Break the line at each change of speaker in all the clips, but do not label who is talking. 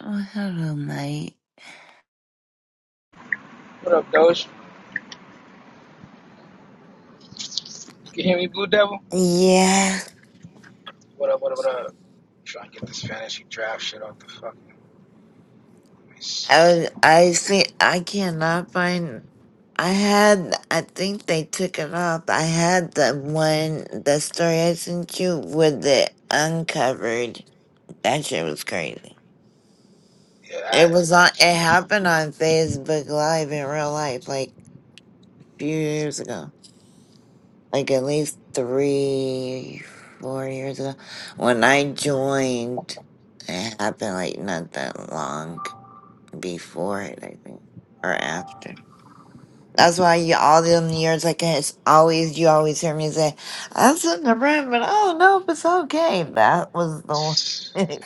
Oh, hello, mate.
What up, Doge? You can hear me, Blue Devil?
Yeah,
What up, what up, what up? Trying to get this fantasy draft shit off the fucking list.
I was. I see. I cannot find. I had. I think they took it off. I had the one, the story I sent you with the uncovered. That shit was crazy.
Yeah,
It
that.
was on. It happened on Facebook Live in real life, like a few years ago, like at least three, four years ago. When I joined, it happened like not that long. before it, I think, or after. That's why you all them years like it's always you always hear me say, "I'm sitting around, but I don't know if it's okay." That was the one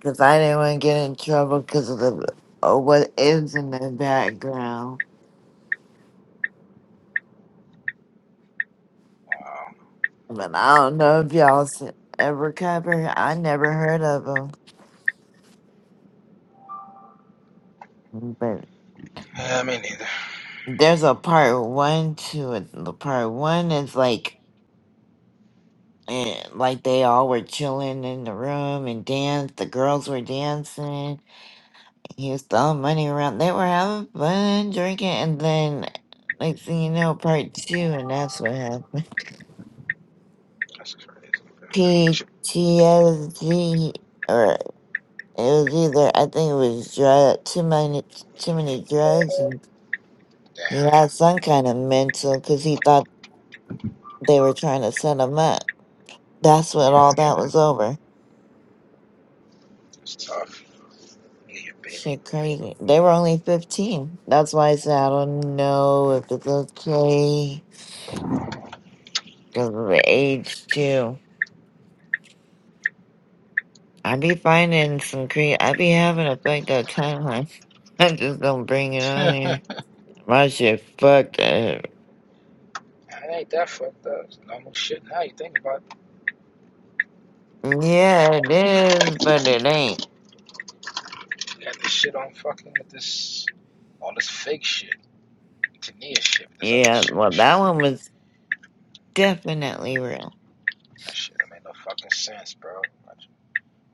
because I didn't want to get in trouble because of the of what is in the background. But I don't know if y'all s- ever cover. I never heard of them, but
Yeah, me neither.
there's a part one to it. The part one is like and like they all were chilling in the room and dance. The girls were dancing. He was throwing money around. They were having fun drinking, and then next thing you know, part two, and that's what happened.
That's crazy,
PTSD, or it was either I think it was drug, too many too many drugs, and he
Damn,
had some kind of mental because he thought they were trying to set him up. That's what
yeah,
all that was over.
it's tough. Yeah, your baby.
Shit, crazy. They were only 15. That's why I said I don't know if it's okay because of the age, too. I be finding some cre I be having a fucked up timeline. I just don't bring it on here. My shit fucked up.
It ain't that fucked up. It's normal shit now you think about it.
Yeah, it is, but it ain't.
We had this shit on fucking with this, all this fake shit. Tania shit, but this other
Yeah,
chick
well, that
shit.
one was definitely real.
That shit, that made no fucking sense, bro. Like,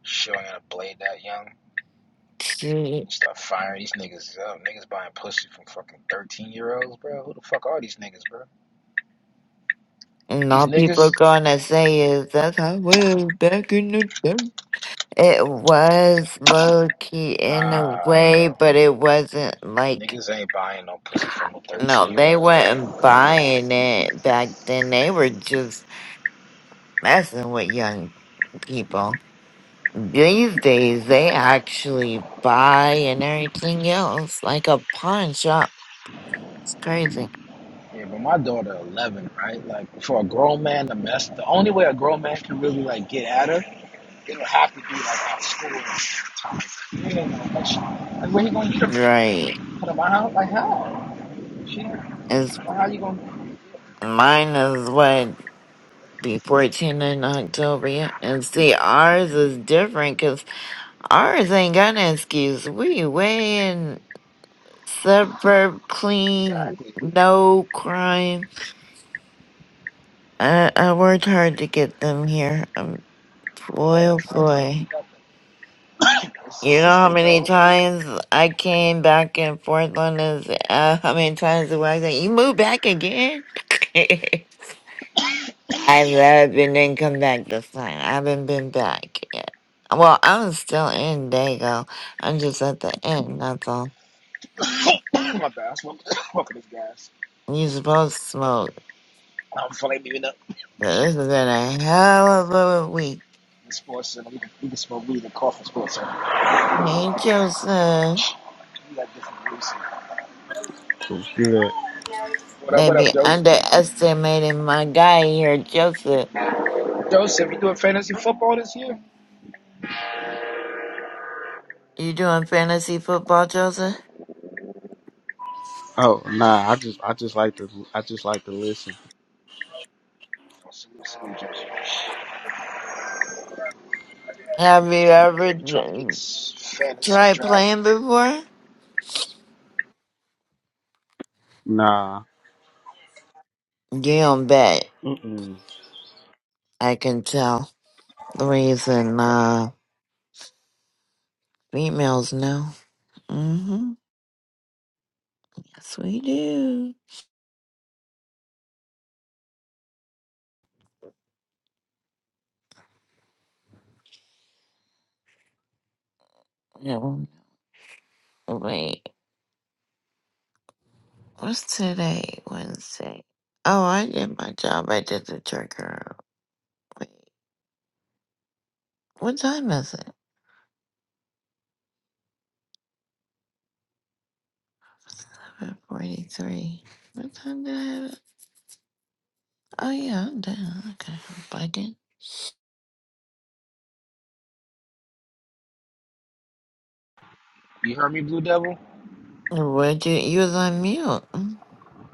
Showing a blade that young.
Shit.
Stop firing these niggas up. Niggas buying pussy from fucking 13 year olds, bro. Who the fuck are these niggas, bro?
And
These
all
niggas?
people gonna say is, that's how it was back in the day. It was low key in a
Nah,
way,
bro.
but it wasn't like
Niggas ain't buying no pussy from no
no,
13 year
they
olds back out.
weren't buying it back then. They were just messing with young people. These days, they actually buy and everything else, like a pawn shop. It's crazy,
Yeah, but my daughter 11, right? Like, for a grown man to mess, the only way a grown man can really, like, get at her, it'll have to be, like, at school time. You ain't no much- Like, where you gonna get her from?
right?
Out of my house? Like, how? She, well,
It's
how you gonna,
mine is what be fourteen in October, yeah. And see, ours is different because ours ain't got an excuse. We way in. suburb clean,
exactly.
no crime. I, I worked hard to get them here. Um, boy,
Yeah,
oh
try to get
boy.
keep up? It's the
You know how
system,
many
though.
times I came back and forth on this? Uh, how many times the wife said, You moved back again? I
Shit.
left and then come back this time. I haven't been back yet. Well, I'm still in Dago. I'm just at the end, that's all.
My bad. I smoke, smoke this gas.
You supposed to smoke.
I'm flame you up
This has been a hell of a week.
in sports center. We can, we can smoke weed and cough in sports center.
Hey, Joseph.
please.
was good.
What up,
They
what up,
be
Joseph?
underestimating my guy here, Joseph.
Joseph, you doing fantasy football this year?
You doing fantasy football, Joseph?
Oh nah, I just I just like to I just like to listen.
Oh, salute, salute, Joseph.
Have you ever
Yeah, we trying to get
d-
this fantasy
tried
draft.
playing before?
Nah.
You don't bet.
Mm-mm.
I can tell. The reason, uh, females know. Mm-hmm. Yes, we do. No, wait. What's today? Wednesday. Oh, I did my job. I did the trigger. Wait, what time is it? 543. What time did I have it? Oh, yeah, I'm down. Okay, I'm bugging.
You heard me, Blue Devil?
What you, you was on mute. Mm.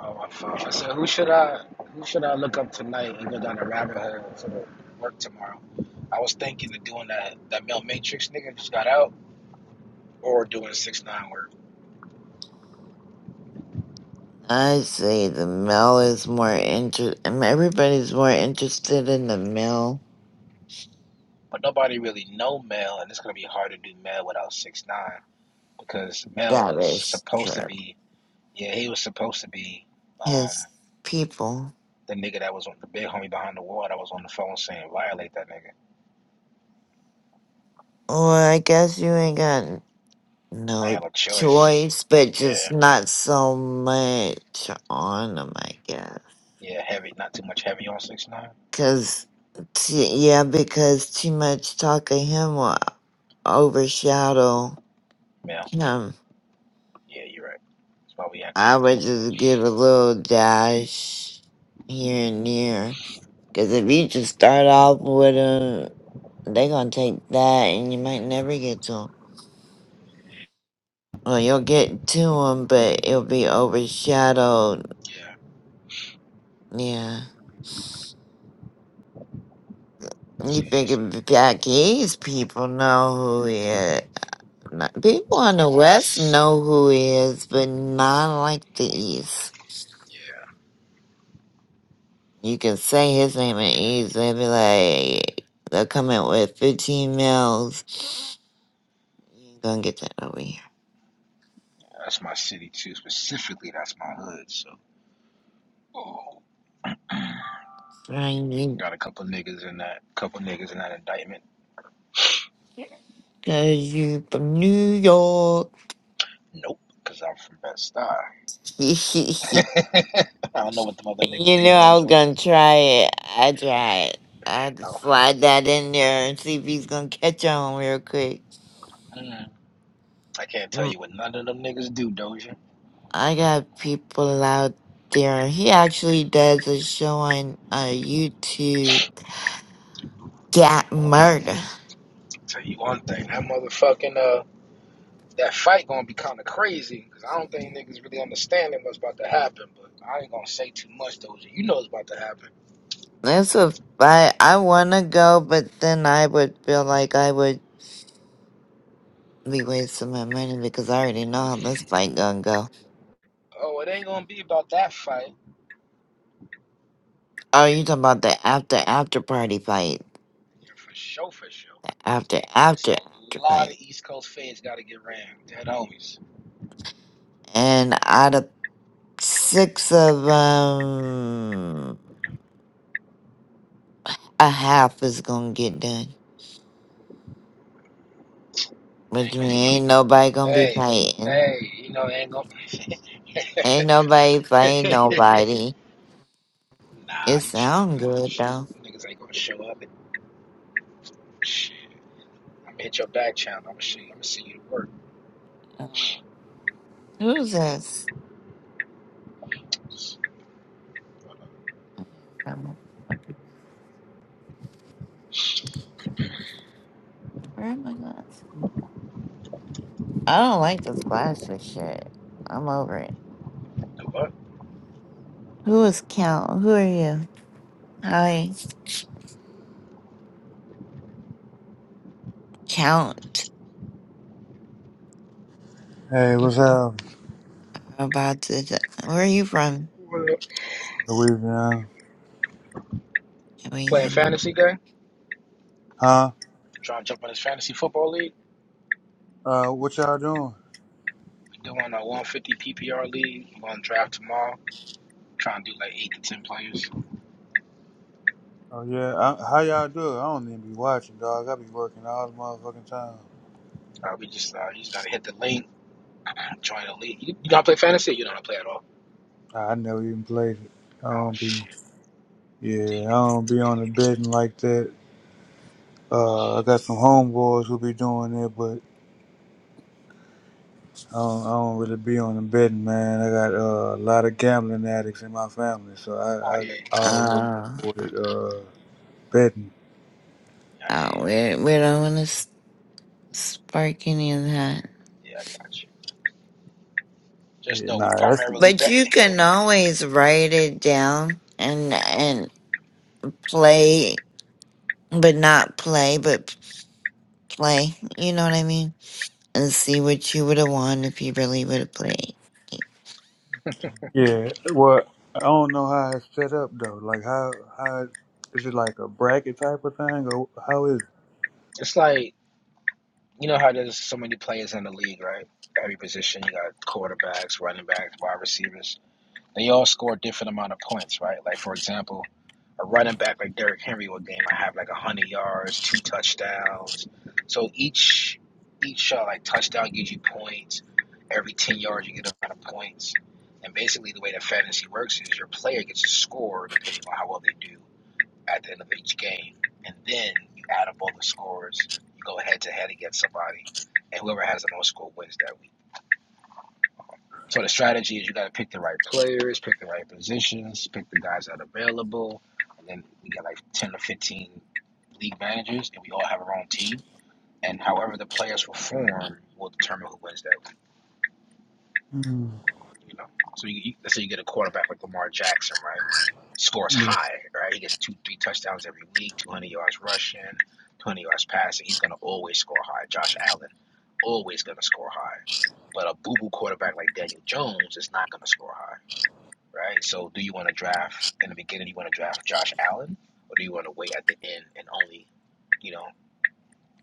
Oh, my phone. I said, who should I who should I look up tonight and go down the rabbit hole for the work tomorrow? I was thinking of doing that that Mel Matrix nigga just got out, or doing six nine work.
I say the male is more inter. I mean, Everybody's more interested in the male.
But nobody really know Mel, and it's gonna be hard to do Mel without six nine. because Mel
That
was
is
supposed to
true.
be, yeah, he was supposed to be um,
His people.
the nigga that was on the big homie behind the wall that was on the phone saying violate that nigga.
Well, I guess you ain't got n-
I
no
ain't got no choice.
choice, but just
Yeah,
not so much on them, I guess.
yeah, heavy, not too much heavy on six nine.
Cause T- yeah, because too much talk of him. will. overshadow
Mel,
him.
yeah, you're right. That's why we acting
I
blue
would
though.
just give a little dash here and there. Because if you just start off with him, they going to take that and you might never get to him. Well, you'll get to him, but it'll be overshadowed.
Yeah,
Yeah.
I
You
see what you're
figure
saying.
back east, people know who he is. Not- People on the
Well,
west
that's
know who he is, but not like the east.
yeah,
You can say his name and ease. They'll be like, they'll come in with 15 meals. You ain't gonna get that over here.
that's my city too. Specifically, that's my hood. So, oh,
Find
got a couple niggas in that, couple niggas in that indictment.
Cause you from New York.
Nope, cause I'm from Best Star.
you
I don't know what them other niggas do
know
though.
I was gonna try it. I tried. I had to
No,
slide that in there and see if he's gonna catch on real quick.
I can't tell
Mm,
you what none of them niggas do, Doja. I'll
I got people out there. He actually does a show on uh, YouTube. Got murder.
Tell you one thing, that motherfucking uh, that fight gonna be kind of crazy because I don't think niggas really understanding what's about to happen. But I ain't gonna say too much, Doja. You know what's about to happen.
That's a I I wanna go, but then I would feel like I would be wasting my money because I already know how this fight gonna go.
Oh, it ain't gonna be about that fight.
Oh, you talking about the after after party fight,
Yeah, for sure, for sure.
after
It's
after
a
after
lot
fight,
of East Coast fans gotta get ran. Dead homies.
and out of six of um a half is gonna get done,
It
which
Ain't gonna
means
be my.
ain't nobody gonna be
Hey,
fighting,
hey, you know it ain't gonna.
ain't nobody fighting nobody.
nah,
It
you tripping,
sound good
Doja.
though.
Niggas ain't gonna show up. and Shit. I'm hit your back channel. I'm gonna see. I'm gonna see you at work.
Uh, Who's this? Where are my glasses? I don't like this glasses shit. I'm over it.
Do what?
Who is Count? Who are you? Hi. Count.
Hey, what's up?
About to. d- Where are you from?
Well,
Louisiana.
Playing
Amazing.
fantasy game.
Huh?
Trying to jump on this fantasy football league.
Uh, what y'all doing?
We doing a 150 PPR league. We're gonna draft tomorrow. Trying to do like eight to ten players.
Oh, yeah. I, how y'all do it? I don't even be watching, dog. I be working all the motherfucking time.
Uh, we just uh, you just gotta hit the link. Join the league. You, you don't play fantasy? You don't play at all?
I never even played it. I
Oh
don't be,
shit.
yeah, I don't be on the betting like that. Uh, I got some homeboys who be doing it, but I don't, I don't really be on the betting, man. I got uh, a lot of gambling addicts in my family, so
Oh
I, I,
yeah.
I always
Uh,
avoided uh, betting.
Yeah
uh
yeah
we, we don't want to s- spark any of that.
yeah. I got you. Just
Yeah,
know we
nah,
primarily
But
betting
you can
here.
always write it down and and play, but not play, but play. You know what I mean? And see what you would have won if you really would have played.
Yeah, well, I don't know how it's set up though. Like how how is it like a bracket type of thing or how is
It's like you know how there's so many players in the league, right? Every position you got quarterbacks, running backs, wide receivers They all score a different amount of points, right? Like for example, a running back like Derrick Henry would game I have like one hundred yards, two touchdowns. So each each uh, like touchdown gives you points. Every ten yards you get a amount of points. And basically the way that fantasy works is your player gets a score depending on how well they do at the end of each game. And then you add up all the scores, you go head to head against somebody, and whoever has the most score wins that week. So the strategy is you got to pick the right players, pick the right positions, pick the guys that are available, and then we got like ten to fifteen league managers, and we all have our own team. And however the players perform will determine who wins that.
Mm.
league, You know, so you, you let's say you get a quarterback like Lamar Jackson, right?
it?
Scores
Mm.
high, right? He gets two, three touchdowns every week, two hundred yards rushing, two hundred yards passing. He's gonna always score high. Josh Allen, always gonna score high. But a boo boo quarterback like Daniel Jones is not gonna score high right? So do you want to draft in the beginning? Do You want to draft Josh Allen, or do you want to wait at the end and only, you know,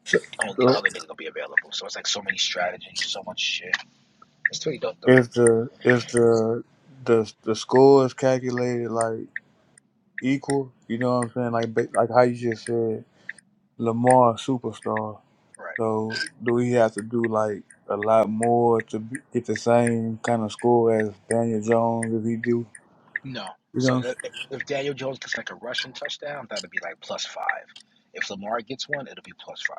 So,
only the
so
other nigga gonna be available? So it's like so many strategies, so much shit. It's pretty dope though.
if the if the the the score is calculated like equal, you know what I'm saying? Like ba- like how you just said, Lamar superstar.
Right?
So do we have to do like a lot more to be, get the same kind of score as Daniel Jones if he do?
No.
You
So
know,
uh, uh, if Daniel Jones gets like a rushing touchdown, that'll be like plus five. If Lamar gets one, it'll be plus five.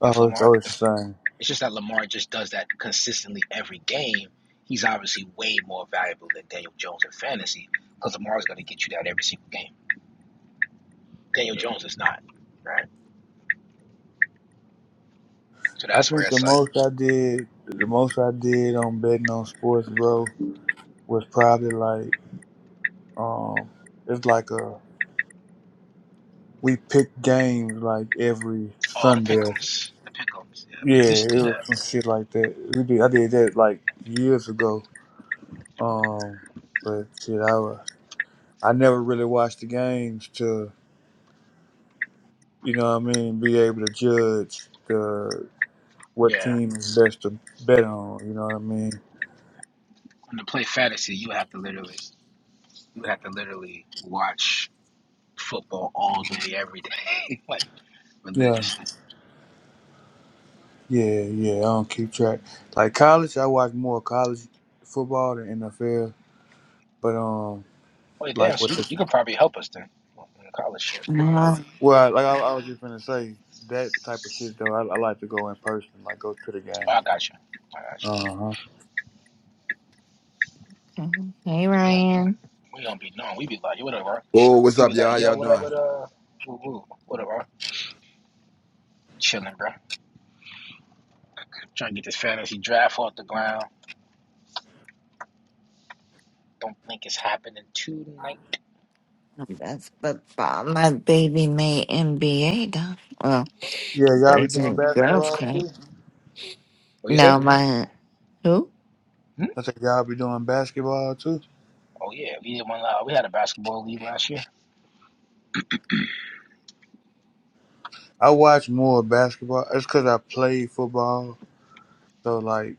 what I'm s-
If
oh, it's
Lamar,
always
if
the same.
it's just that Lamar just does that consistently every game, he's obviously way more valuable than Daniel Jones in fantasy because Lamar's gonna get you that every single game. Daniel Jones is not. Right? So
I
that's where
think the
it's like,
most I did, the most I did on betting on sports, bro, was probably like, um, it's like a we picked games like every
oh, the
Sunday.
pickums, the pickums. Yeah, we, we
Yeah,
used
it
to do
was
that.
some shit like that. We did, I did that like years ago. Um, but shit, I wa- I never really watched the games to, you know what I mean, be able to judge the what
Yeah,
team is best to bet on. You know what I mean?
and to play fantasy, you have to literally, you have to literally watch football all day, every day, like
Yeah.
religiously.
Yeah, yeah, I don't keep track. Like college, I watch more college football than NFL. But um,
Wait,
like
damn.
what
So you could-
the
you could probably help us then in college shit.
well, like I, I was just gonna say that type of shit though. I, I like to go in person, like go to the game.
Oh, I got you. I got you.
Uh huh.
Mhm. Hey
Cause we don't
Ryan,
we don't be known. We be like, yo, what up, bro?
Oh, what's
We
up,
be
y'all?
like,
How y'all
yo, what up,
doing?
what up, woo woo, what up, bro? Chilling, bro. Trying to get this fantasy draft off the ground. Don't think it's happening tonight.
that's but uh, my baby made NBA though. Well,
Yeah, y'all be
it's
doing
in girls'
basketball
club.
too.
What you say?
No, my who?
I said y'all be doing basketball too.
Oh yeah, we did one. Uh, we had a basketball league last year.
I watch more basketball. It's cause I played football. So like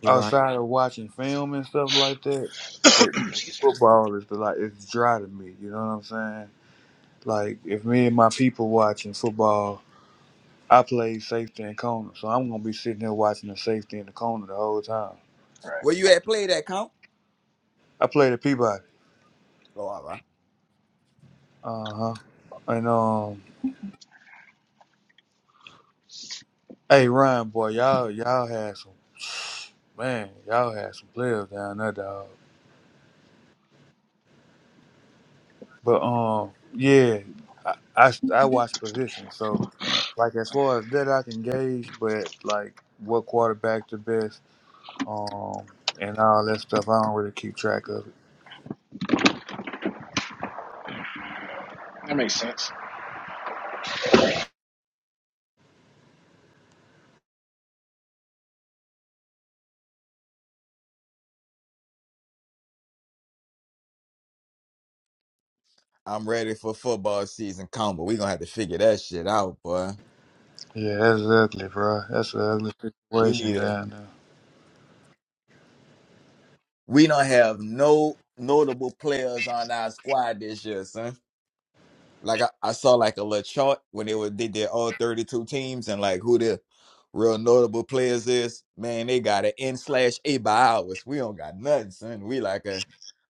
You watch?
outside of watching film and stuff like that, the-
Excuse me.
football is the like it's dry to me. You know what I'm saying? Like if me and my people watching football, I play safety and corner, so I'm gonna be sitting there watching the safety and the corner the whole time.
Right.
Where you at? Play that count.
I play the Peabody.
Oh, all right.
Uh huh. And um, hey Ryan, boy, y'all y'all had some man, y'all had some players down there, dog. But um, yeah, I I, I watch position, so like as far as that I can gauge, but like what quarterback the best, um, and all that stuff, I don't really keep track of it.
That makes sense.
I'm ready for football season count, but we gonna have to figure that shit out, boy.
Yeah, that's ugly, bro. That's an ugly
We
situation
need a.
down there.
We don't have no notable players on our squad this year, son. Like I, I saw like a little chart when they were they did their all 32 teams and like who the real notable players is. Man, they got an N slash A by hours. We don't got nothing, son. We like a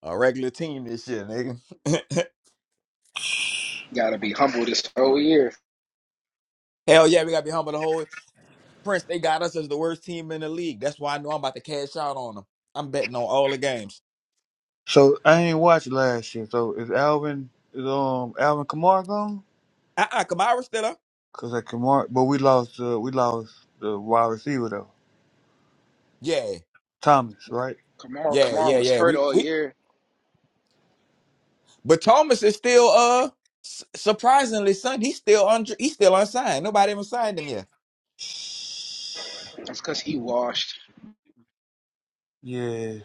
a regular team this year, nigga.
Got to be humble this whole year.
Hell yeah, we gotta be humble the whole year. Prince, they got us as the worst team in the league. That's why I know I'm about to cash out on them. I'm betting on all the games.
So I ain't watched last year. So is Alvin is um Alvin Kamara gone?
Uh uh Kamara still up?
Cause that Kamara, but we lost uh, we lost the wide receiver though,
Yeah,
Thomas, right?
Kamar
yeah,
Kamar
yeah,
was
yeah.
hurt
We
all
we,
year.
but Thomas is still uh s- surprisingly son. He's still under. He's still unsigned. Nobody even signed him yet.
That's because he washed.
Yeah,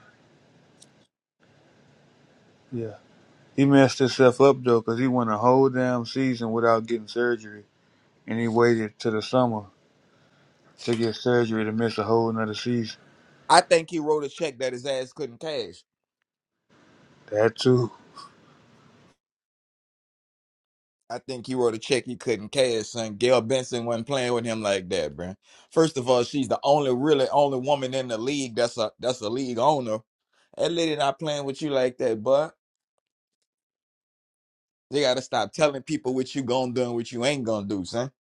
yeah. He messed himself up though, cause he went a whole damn season without getting surgery, and he waited to the summer to get surgery to miss a whole another season.
I think he wrote a check that his ass couldn't cash.
That too.
I think he wrote a check he couldn't cash. Son, Gail Benson wasn't playing with him like that, bruh. First of all, she's the only really only woman in the league that's a that's a league owner. That lady not playing with you like that, bud. They gotta stop telling people what you gonna do and what you ain't gonna do, son.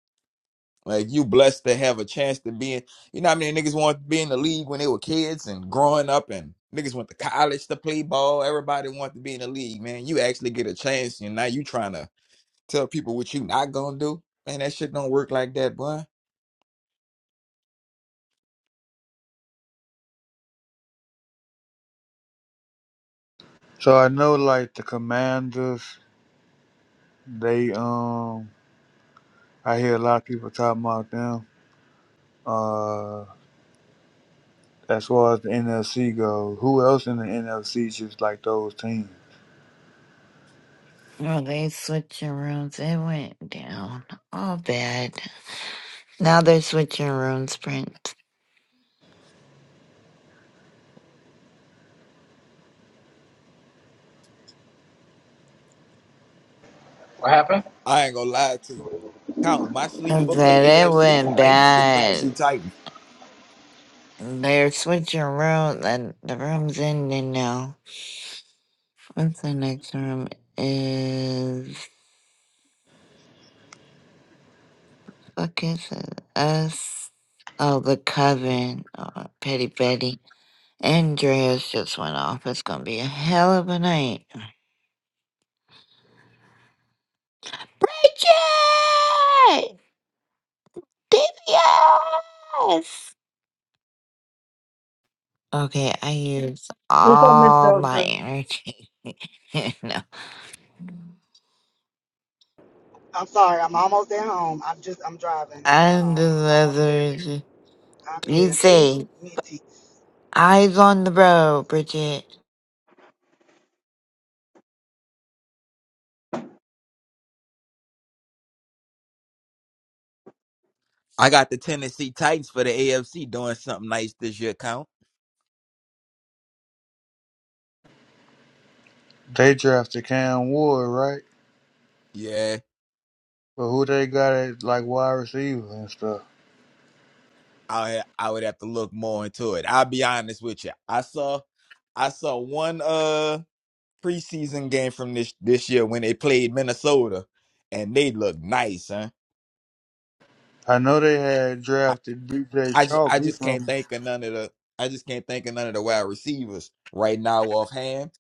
Like you blessed to have a chance to be in you know how many niggas want to be in the league when they were kids and growing up and niggas went to college to play ball. Everybody wanted to be in the league, man. You actually get a chance and now you trying to tell people what you not gonna do. Man, that shit don't work like that, boy.
So I know like the Commanders, they um I hear a lot of people talking about them. Uh, as far as the NFC goes, who else in the NFC just like those teams?
No, they switching rooms. It went down all bad. Now they're switching rooms, Prince.
What happened?
I ain't gonna lie to you. Count my
I
sleeper for
said it
AFC
went
might be the Tennessee
bad.
Titans.
They're switching rooms, and the room's ending now. What's the next room? Is fuck is it? Us. Oh, the coven. Oh, Petty Betty. Andreas just went off. It's gonna be a hell of a night. Richard! DPS! Okay, I used
What's up, Miss
all my
Doja?
energy. no.
I'm sorry, I'm almost at home. I'm just I'm driving. Hold
And
on,
the
I'm almost there.
leathers.
I'll be
Be
there in two
safe.
minutes.
Eyes on the road, Bridget.
I got the Tennessee Titans for the AFC doing something nice this year, count.
They drafted Cam Ward, right?
Yeah.
But who they got at like wide receiver and stuff?
I I would have to look more into it. I'll be honest with you. I saw I saw one uh preseason game from this this year when they played Minnesota, and they looked nice, huh?
I know they had
I
drafted DJ
I, ju-
Chalk.
I
He
just can't
from
think of none of the I just can't think of none of the wide receivers right now offhand,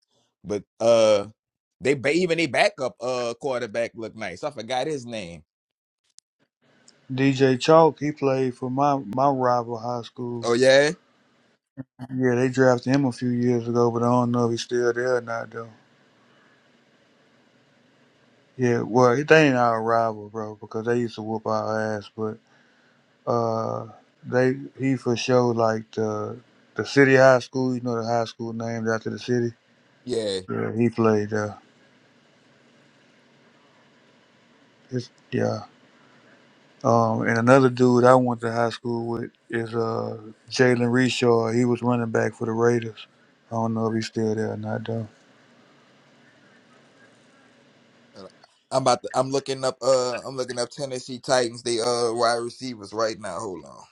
but uh. They ba- even they backup uh quarterback looked nice. I forgot his name.
DJ Chalk. He played for my my rival high school.
Oh yeah,
Yeah, they drafted him a few years ago, but I don't know if he's still there or not though. Yeah, well, they ain't our rival, bro, because they used to whoop our ass. but. Uh, they he for sure like the the city high school. You know the high school named after the city.
yeah.
Yeah, he played. Uh, it's, yeah. Um, and another dude I went to high school with is uh Jalen Reshaw. He was running back for the Raiders. I don't know if he's still there or not though.
Uh, I'm about to, I'm looking up uh I'm looking up Tennessee Titans they uh wide receivers right now. Hold on.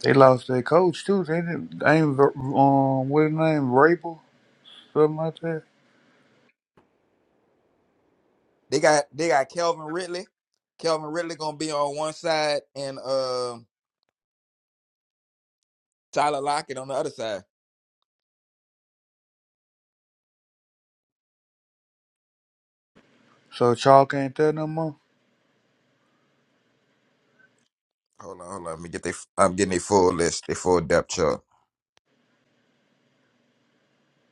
They lost their coach too. They didn't. They ain't ver- um what his name Rabel something like that.
They got they got Kelvin Ridley. Kelvin Ridley gonna be on one side and uh Tyler Lockett on the other side.
So Chalk ain't there no more.
Hold on, hold on. Let me get they I'm getting their full list, their full depth chart.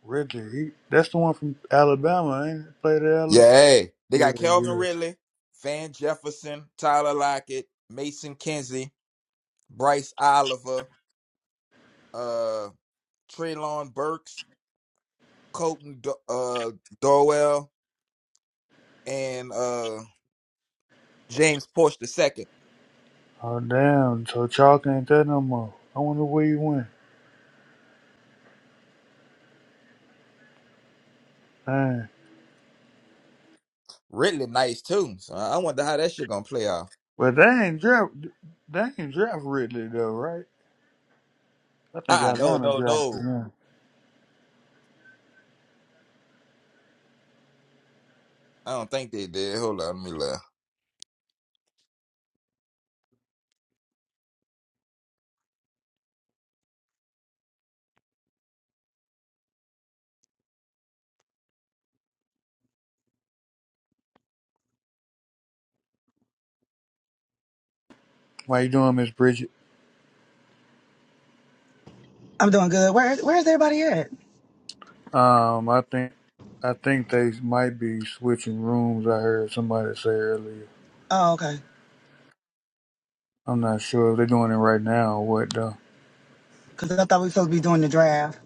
Ridley, he that's the one from Alabama. Ain't it? played at
Yeah,
Alabama.
hey. They
Yeah,
got Kelvin
yeah.
Ridley, Van Jefferson, Tyler Lockett, Mason Kinsey, Bryce Oliver, uh Treylon Burks, Colton Do- uh Dorwell, and uh James Porsche the second.
Oh damn! So chalk ain't that no more. I wonder where you went. Dang.
Ridley nice too. So I I wonder how that shit gonna play out.
But they ain't draft. They ain't draft Ridley though, right? I think
Ah, uh no,
Atlanta
no,
drafted
no.
him.
I don't think they did. Hold on, let me look.
Why you doing, Miss Bridget?
I'm doing good. Where where's everybody at?
Um, I think I think they might be switching rooms. I heard somebody say earlier.
Oh, okay.
I'm not sure if they're doing it right now or what though.
Cause I thought we were supposed to be doing the draft.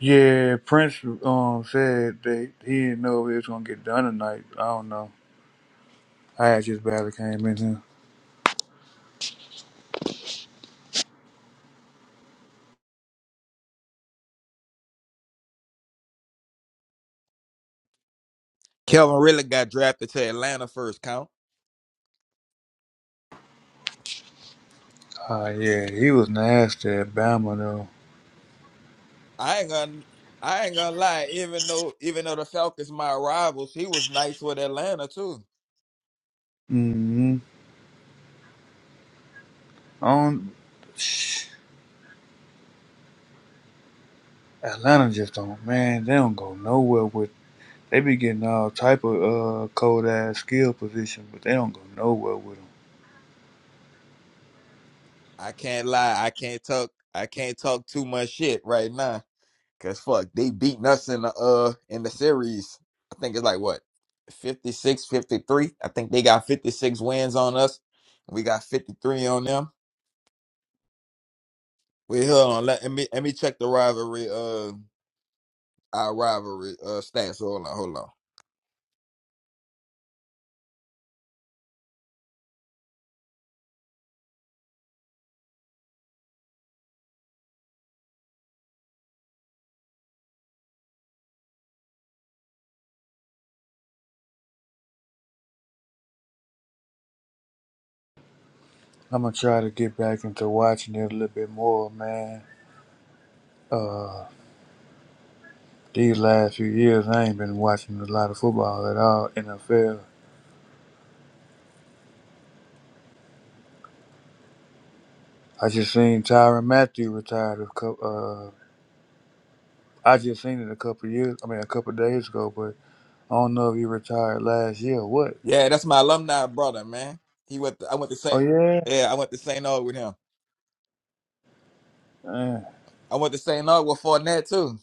Yeah, Prince um said that he didn't know if it was gonna get done tonight. I don't know. I had just barely came in here.
Kelvin really got drafted to Atlanta first count.
Uh, yeah, he was nasty at Bama though.
I ain't gonna I ain't gonna lie, even though even though the Falcons my rivals, he was nice with Atlanta too.
Mm-hmm. On shh, Atlanta just don't man, they don't go nowhere with they be getting all type of uh cold ass skill position, but they don't go nowhere with them.
I can't lie, I can't talk I can't talk too much shit right now. Cause fuck, they beating us in the uh in the series. I think it's like what 56, 53. I think they got 56 wins on us. We got 53 on them. Wait, hold on. Let, let me let me check the rivalry, uh our rivalry uh stats. Hold on, hold on.
I'm gonna try to get back into watching it a little bit more, man. Uh, these last few years, I ain't been watching a lot of football at all. NFL. I just seen Tyron Matthew retired a couple. Uh, I just seen it a couple years. I mean, a couple days ago, but I don't know if he retired last year or what.
Yeah, that's my alumni brother, man. He went to, I went to
Oh
St.
yeah.
Yeah, I went to St. Aug with him. I went to St. Aug with Fournette too.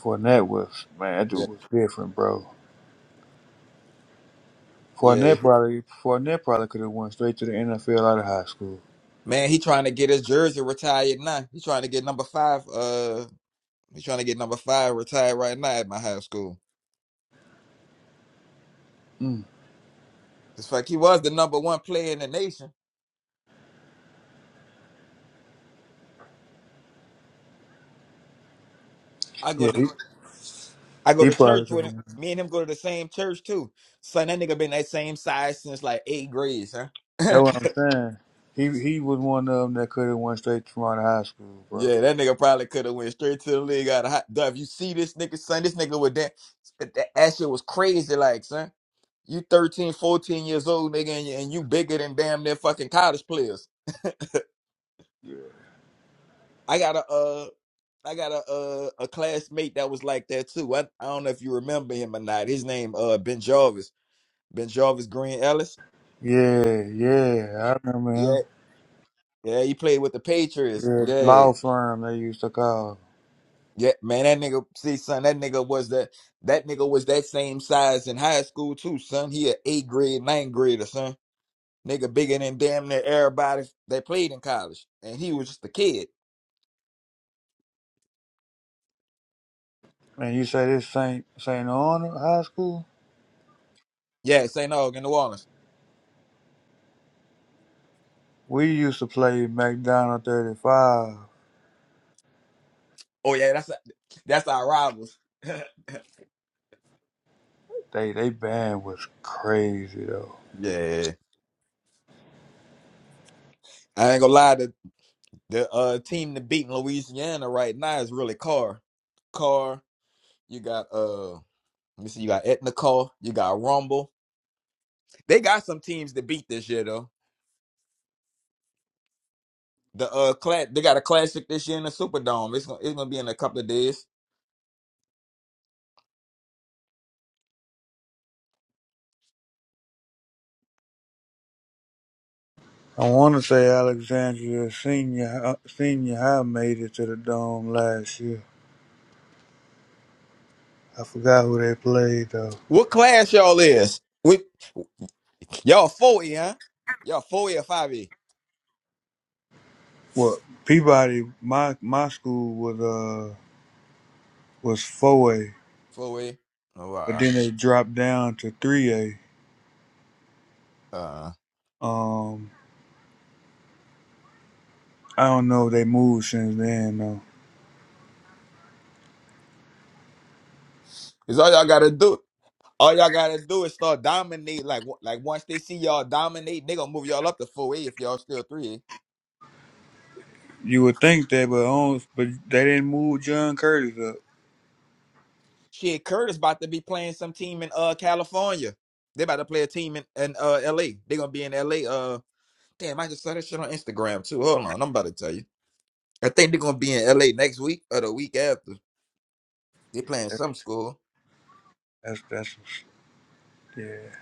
Fournette was man, that
Yeah.
dude was different, bro.
Yeah.
Fournette
he-
probably Fournette probably could have went straight to the NFL out of high school.
Man, he trying to get his jersey retired now. He trying to get number five. uh. He's trying to get number five retired right now at my high school.
Mm.
It's fact, he was the number one player in the nation. I go
Yeah,
to
he,
I go
he
to
probably
church
could
with him.
have.
Me and him go to the same church too. Son, that nigga been that same size since like eighth grade, huh?
That's what I'm saying. He he was one of them that could have went straight from out of high school, bro.
yeah, that nigga probably could have went straight to the league out of hot Duh, If You see this nigga, son, this nigga with that, that that shit was crazy like, son. You 13, 14 years old, nigga, and you, and you bigger than damn near fucking college players. I got a uh I got a uh, a classmate that was like that too. I, I don't know if you remember him or not. His name uh Ben Jarvis. Ben Jarvis Green Ellis.
Yeah, yeah, I remember
Yeah,
him.
yeah, he played with the Patriots.
Yeah,
Yeah.
law firm they used to call.
Yeah, man, that nigga see son, that nigga was that that nigga was that same size in high school too, son. He a eighth grade, ninth grader, son. Nigga bigger than damn near everybody that played in college. And he was just a kid.
And you say this Saint Saint Honor High School?
Yeah, St. Aug in New Orleans.
We used to play McDonald 35.
Oh yeah, that's that's our rivals.
They they band was crazy though.
yeah. I ain't gonna lie. The uh team that beating Louisiana right now is really Carr. Carr, you got uh let me see, you got Etna Carr, you got Rumble. They got some teams to beat this year though. The uh class they got a classic this year in the Superdome. It's gonna it's gonna be in a couple of days.
I want to say Alexandria Senior uh, Senior High made it to the dome last year. I forgot who they played though.
What class y'all is? We y'all four E, huh? Y'all four E or five E?
Well, Peabody, my my school was uh was four A,
Four E. Oh
but
wow.
then they dropped down to three A.
Uh
Um, I don't know if they moved since then though.
it's all y'all gotta do. All y'all gotta do is start dominate. Like, like once they see y'all dominate, they gonna move y'all up to four A if y'all still three A.
You would think that, but on, but they didn't move John Curtis up. That-
Shit, Curtis about to be playing some team in uh California. They about to play a team in, in uh LA. They gonna be in LA. Uh damn, I just saw that shit on Instagram too. Hold on, I'm about to tell you. I think they're gonna be in LA next week or the week after. They playing some school.
That's that's yeah.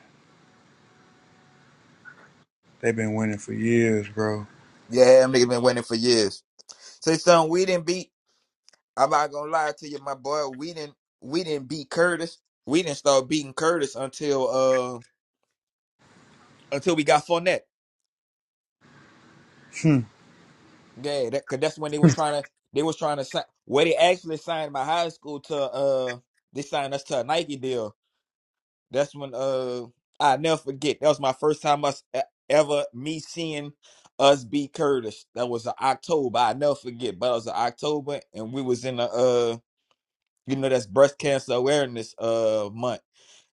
They've been winning for years, bro.
Yeah, them niggas been waiting for years. Say something we didn't beat. I'm not gonna lie to you, my boy. We didn't we didn't beat Curtis. We didn't start beating Curtis until uh until we got Fournette.
Hmm.
Yeah, that, cause that's when they was trying to they was trying to sign where they actually signed my high school to uh they signed us to a Nike deal. That's when uh I never forget. That was my first time us e- ever me seeing us beat Curtis. That was in October. I never forget, but it was in October and we was in the uh you know that's breast cancer awareness uh month.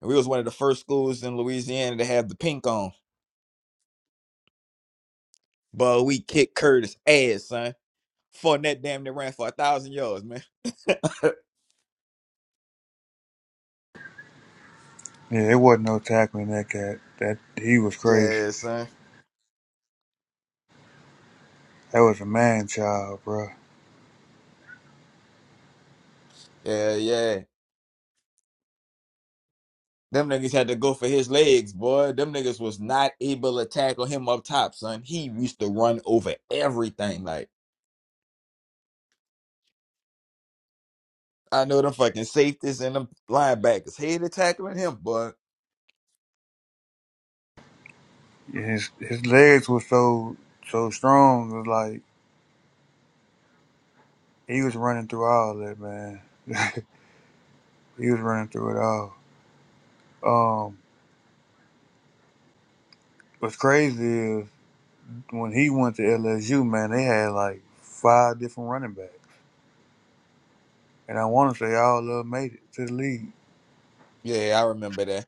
And we was one of the first schools in Louisiana to have the pink on. But we kicked Curtis ass, son. Fournette damn near ran for a thousand yards, man.
Yeah, it wasn't no tackling that cat. That he was crazy.
Yeah, son.
That was a man child, bro.
Yeah, yeah. Them niggas had to go for his legs, boy. Them niggas was not able to tackle him up top, son. He used to run over everything. Like, I know them fucking safeties and them linebackers hated tackling him, boy.
His his legs were so so strong. It was like he was running through all that, man. he was running through it all. Um, what's crazy is when he went to LSU, man, they had like five different running backs, and I want to say all of them made it to the league.
Yeah, I remember that.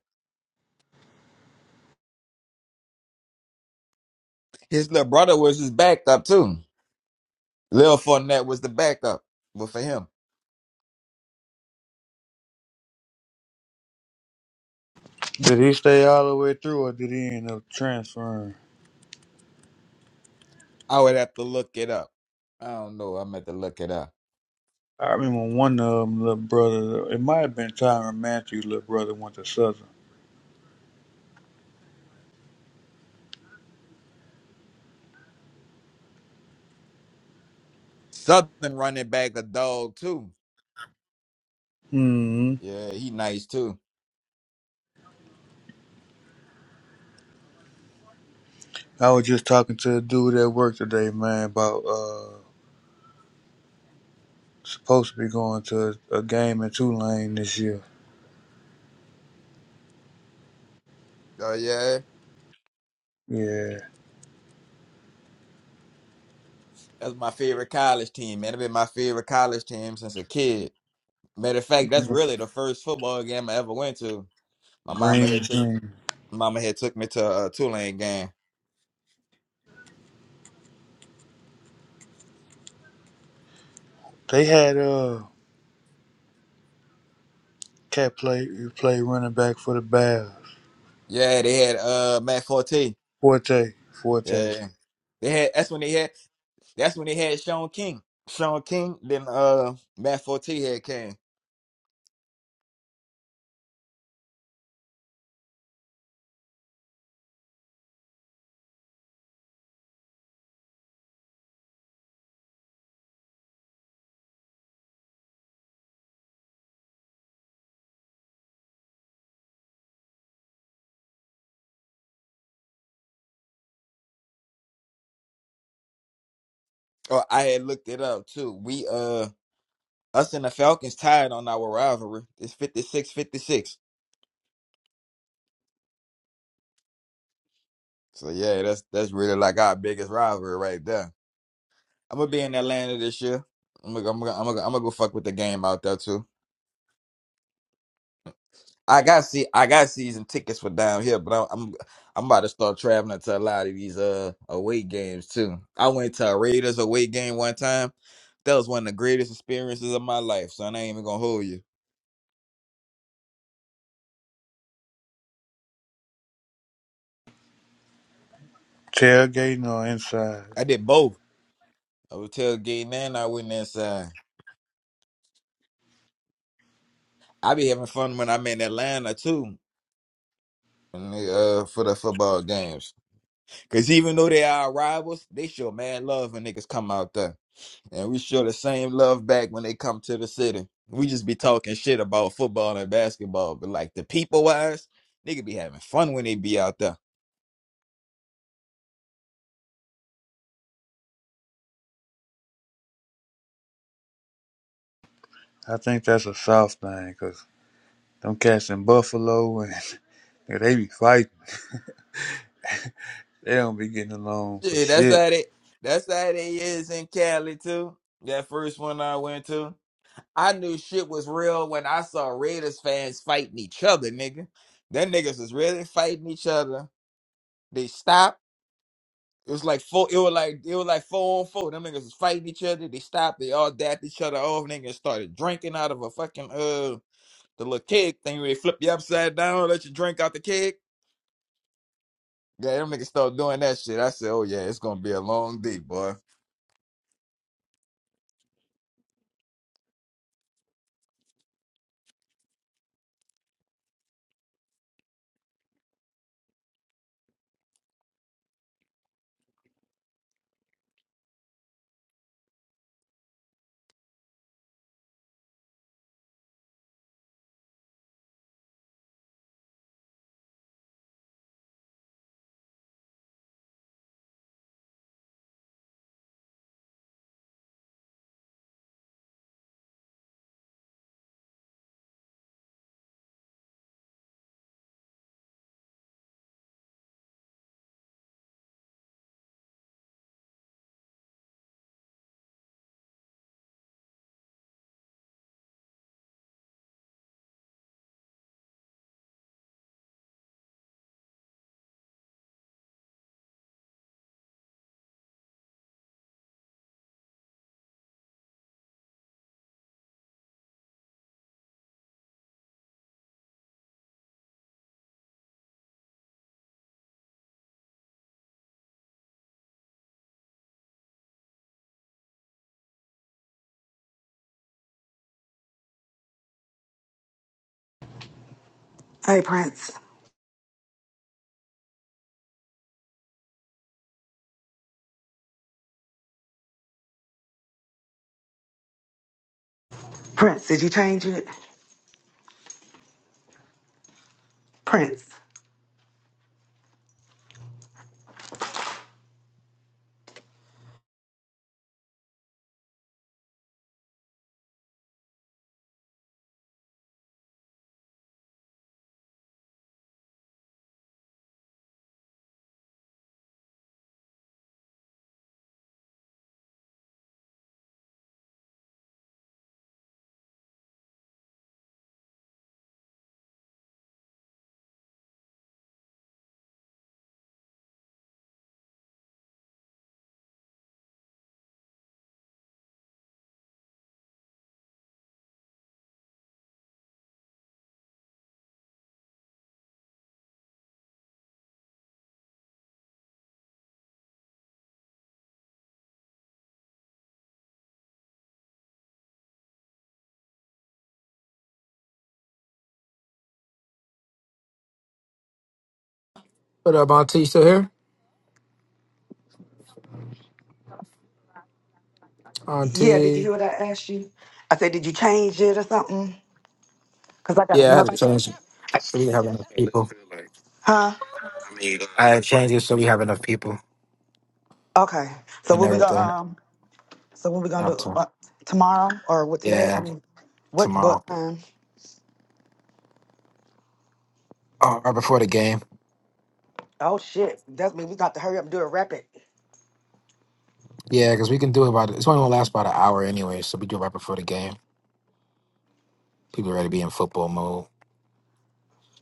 His little brother was his backup, too. Lil Fournette was the backup. But for him,
Did he stay all the way through, or did he end up transferring?
I would have to look it up. I don't know. I'm at to look it up.
I remember one of them, little brother. It might have been Tyron Matthews' little brother went to Southern.
Southern running back, a dog, too.
Mm-hmm.
Yeah, he nice, too.
I was just talking to a dude at work today, man, about uh supposed to be going to a, game in Tulane this year.
Oh, yeah.
Yeah.
That's my favorite college team, man. It's been my favorite college team since a kid. Matter of fact, that's really the first football game I ever went to. My mama
Green
had
is
took mama had took me to a Tulane game.
They had uh cat play play running back for the Bears.
Yeah, they had uh Matt Forte.
Forte. Forte.
Yeah, they had. That's when they had. That's when they had Sean King. Sean King. Then uh Matt Forte had came. Oh, I had looked it up too. We uh us and the Falcons tied on our rivalry. It's fifty-six, fifty-six. So yeah, that's that's really like our biggest rivalry right there. I'm gonna be in Atlanta this year. I'm gonna, I'm gonna, I'm gonna, I'm gonna go fuck with the game out there too. I got see, I got season tickets for down here, but I'm, I'm, I'm about to start traveling to a lot of these uh away games too. I went to a Raiders away game one time. That was one of the greatest experiences of my life, son. I ain't even gonna hold you.
Tailgating or inside.
I did both. I was tailgating and I went inside. I be having fun when I'm in Atlanta too, when they, uh, for the football games. Cause even though they are our rivals, they show mad love when niggas come out there. And we show the same love back when they come to the city. We just be talking shit about football and basketball, but like the people wise, nigga be having fun when they be out there.
I think that's a South thing, 'cause them cats in Buffalo and yeah, they be fighting. They don't be getting along for
Shit, that's
shit.
how they that's how they is in Cali too. That first one I went to. I knew shit was real when I saw Raiders fans fighting each other, nigga. Them niggas was really fighting each other. They stopped. It was like four. It was like it was like four on four. Them niggas was fighting each other. They stopped. They all dapped each other off. Niggas started drinking out of a fucking uh the little keg thing where they flip you upside down, let you drink out the keg. Yeah, them niggas started doing that shit. I said, oh yeah, it's gonna be a long day, boy.
Hey Prince. Prince, did you change it? Prince.
What up, Auntie? You Still here?
Yeah, did you hear
Auntie.
what I asked you? I said, did you change it or something? Cause I got
Yeah, I had
another.
to change it. So we did have enough people.
Huh?
I had to change it so we have enough people
Okay. So
and
what we gonna
everything.
um? So what we gonna
Up
do
to
uh, tomorrow or what today? I
yeah,
mean, what?
tomorrow.
But um.
Oh, right before the game.
Oh shit! That's me. We got to hurry up and do it rapid.
Yeah, because we can do about it's only gonna last about an hour anyway, so we do it right before the game. People ready to be in football mode.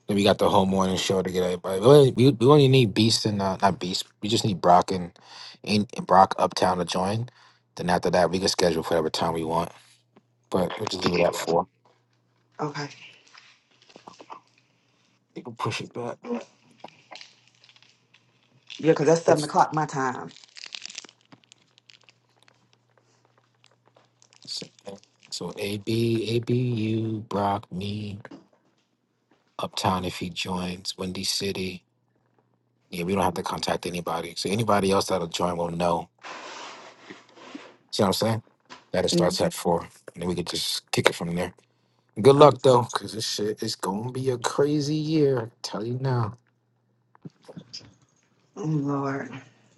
Then we got the whole morning show to get everybody. We only, we, we only need Beast and uh, not Beast. We just need Brock and, and Brock Uptown to join. Then after that, we can schedule for whatever time we want. But we'll just leave it at four.
Okay.
You can push it back.
Yeah, because that's seven
That's the
o'clock my time.
same thing. So A B A B U Brock me Uptown if he joins Windy City. Yeah, we don't have to contact anybody. So anybody else that'll join will know. See what I'm saying? That it
Mm.
starts at four, and then we could just kick it from there. Good
Oh,
luck though, cause this shit is gonna be a crazy year. I tell you now.
oh, Lord.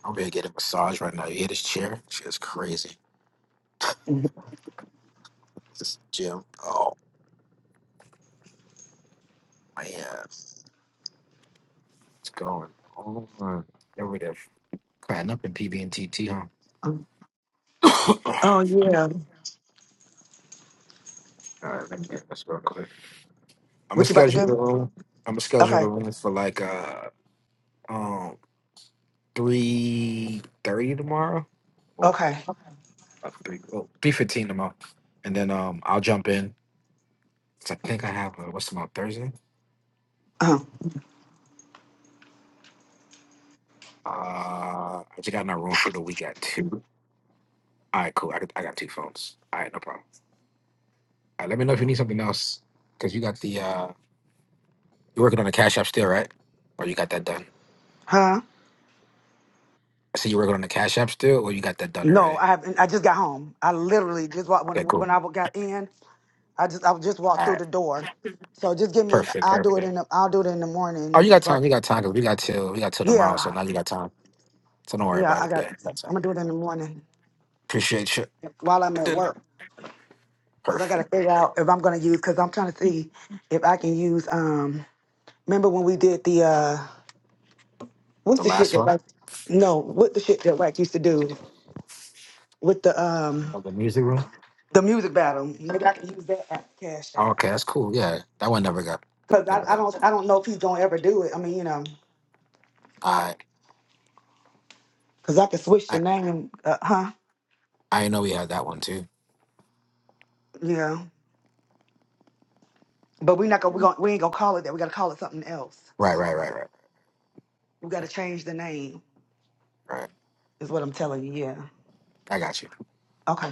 I'm gonna get a massage right now. You hear this chair? Shit is crazy.
Mhm.
This gym. Oh man, it's going on. There we go. Crying up in PB and TT,
Um,
huh?
Oh yeah.
All right, let me get this real quick. I'm gonna
What you about to
schedule the
do?
room. I'm gonna schedule the
Okay.
room for like uh um three thirty tomorrow. Well,
Okay.
uh, three well, three fifteen tomorrow, and then um I'll jump in. 'Cause I think I have uh, what's tomorrow Thursday.
Uh,
Uh, I just got in my room for the week at two. All right, cool. I got, I got two phones. All right, no problem. All right, let me know if you need something else because you got the uh you're working on the cash app still, right? Or you got that done?
huh?
I see you working on the cash app still, or you got that done
No,
already?
I haven't. I just got home. I literally just walked when
Okay, cool.
when I got in. I just I just walked
All right.
through the door. So just give me.
Perfect,
I'll do it
perfect.
in the. I'll do it in the
Oh, you
morning.
got
But
time. You got time because we got till we got till tomorrow. So
yeah,
now you got time. So don't worry
yeah.
about
I
it.
got.
Yeah, that's it.
I'm gonna do it in the morning
Appreciate you.
while I'm at work because I gotta
Perfect.
figure out if I'm gonna use because I'm trying to see if I can use. Um, remember when we did the? uh What's
The
the shit
last
that
one
like? No, what the shit that Wack used to do with the um
of the music room.
the music battle? Maybe I can use that app, Cash
Oh,
App,
okay, that's cool. Yeah, that one never got,
because I,
never
I
got.
don't I don't know if he's gonna ever do it. I mean, you know,
I
because I can switch the
I
name, uh, huh?
I didn't know we had that one too.
Yeah, but we're not gonna we not going to we going to we ain't gonna call it that. We gotta call it something else.
Right, right, right, right,
We gotta change the name.
right.
Is what I'm telling you. Yeah.
I got you.
Okay.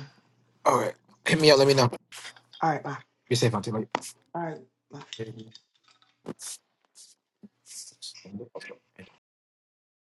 All right, hit me up. Let me know.
All right. Bye.
Be safe. I'll
All right. Bye.
take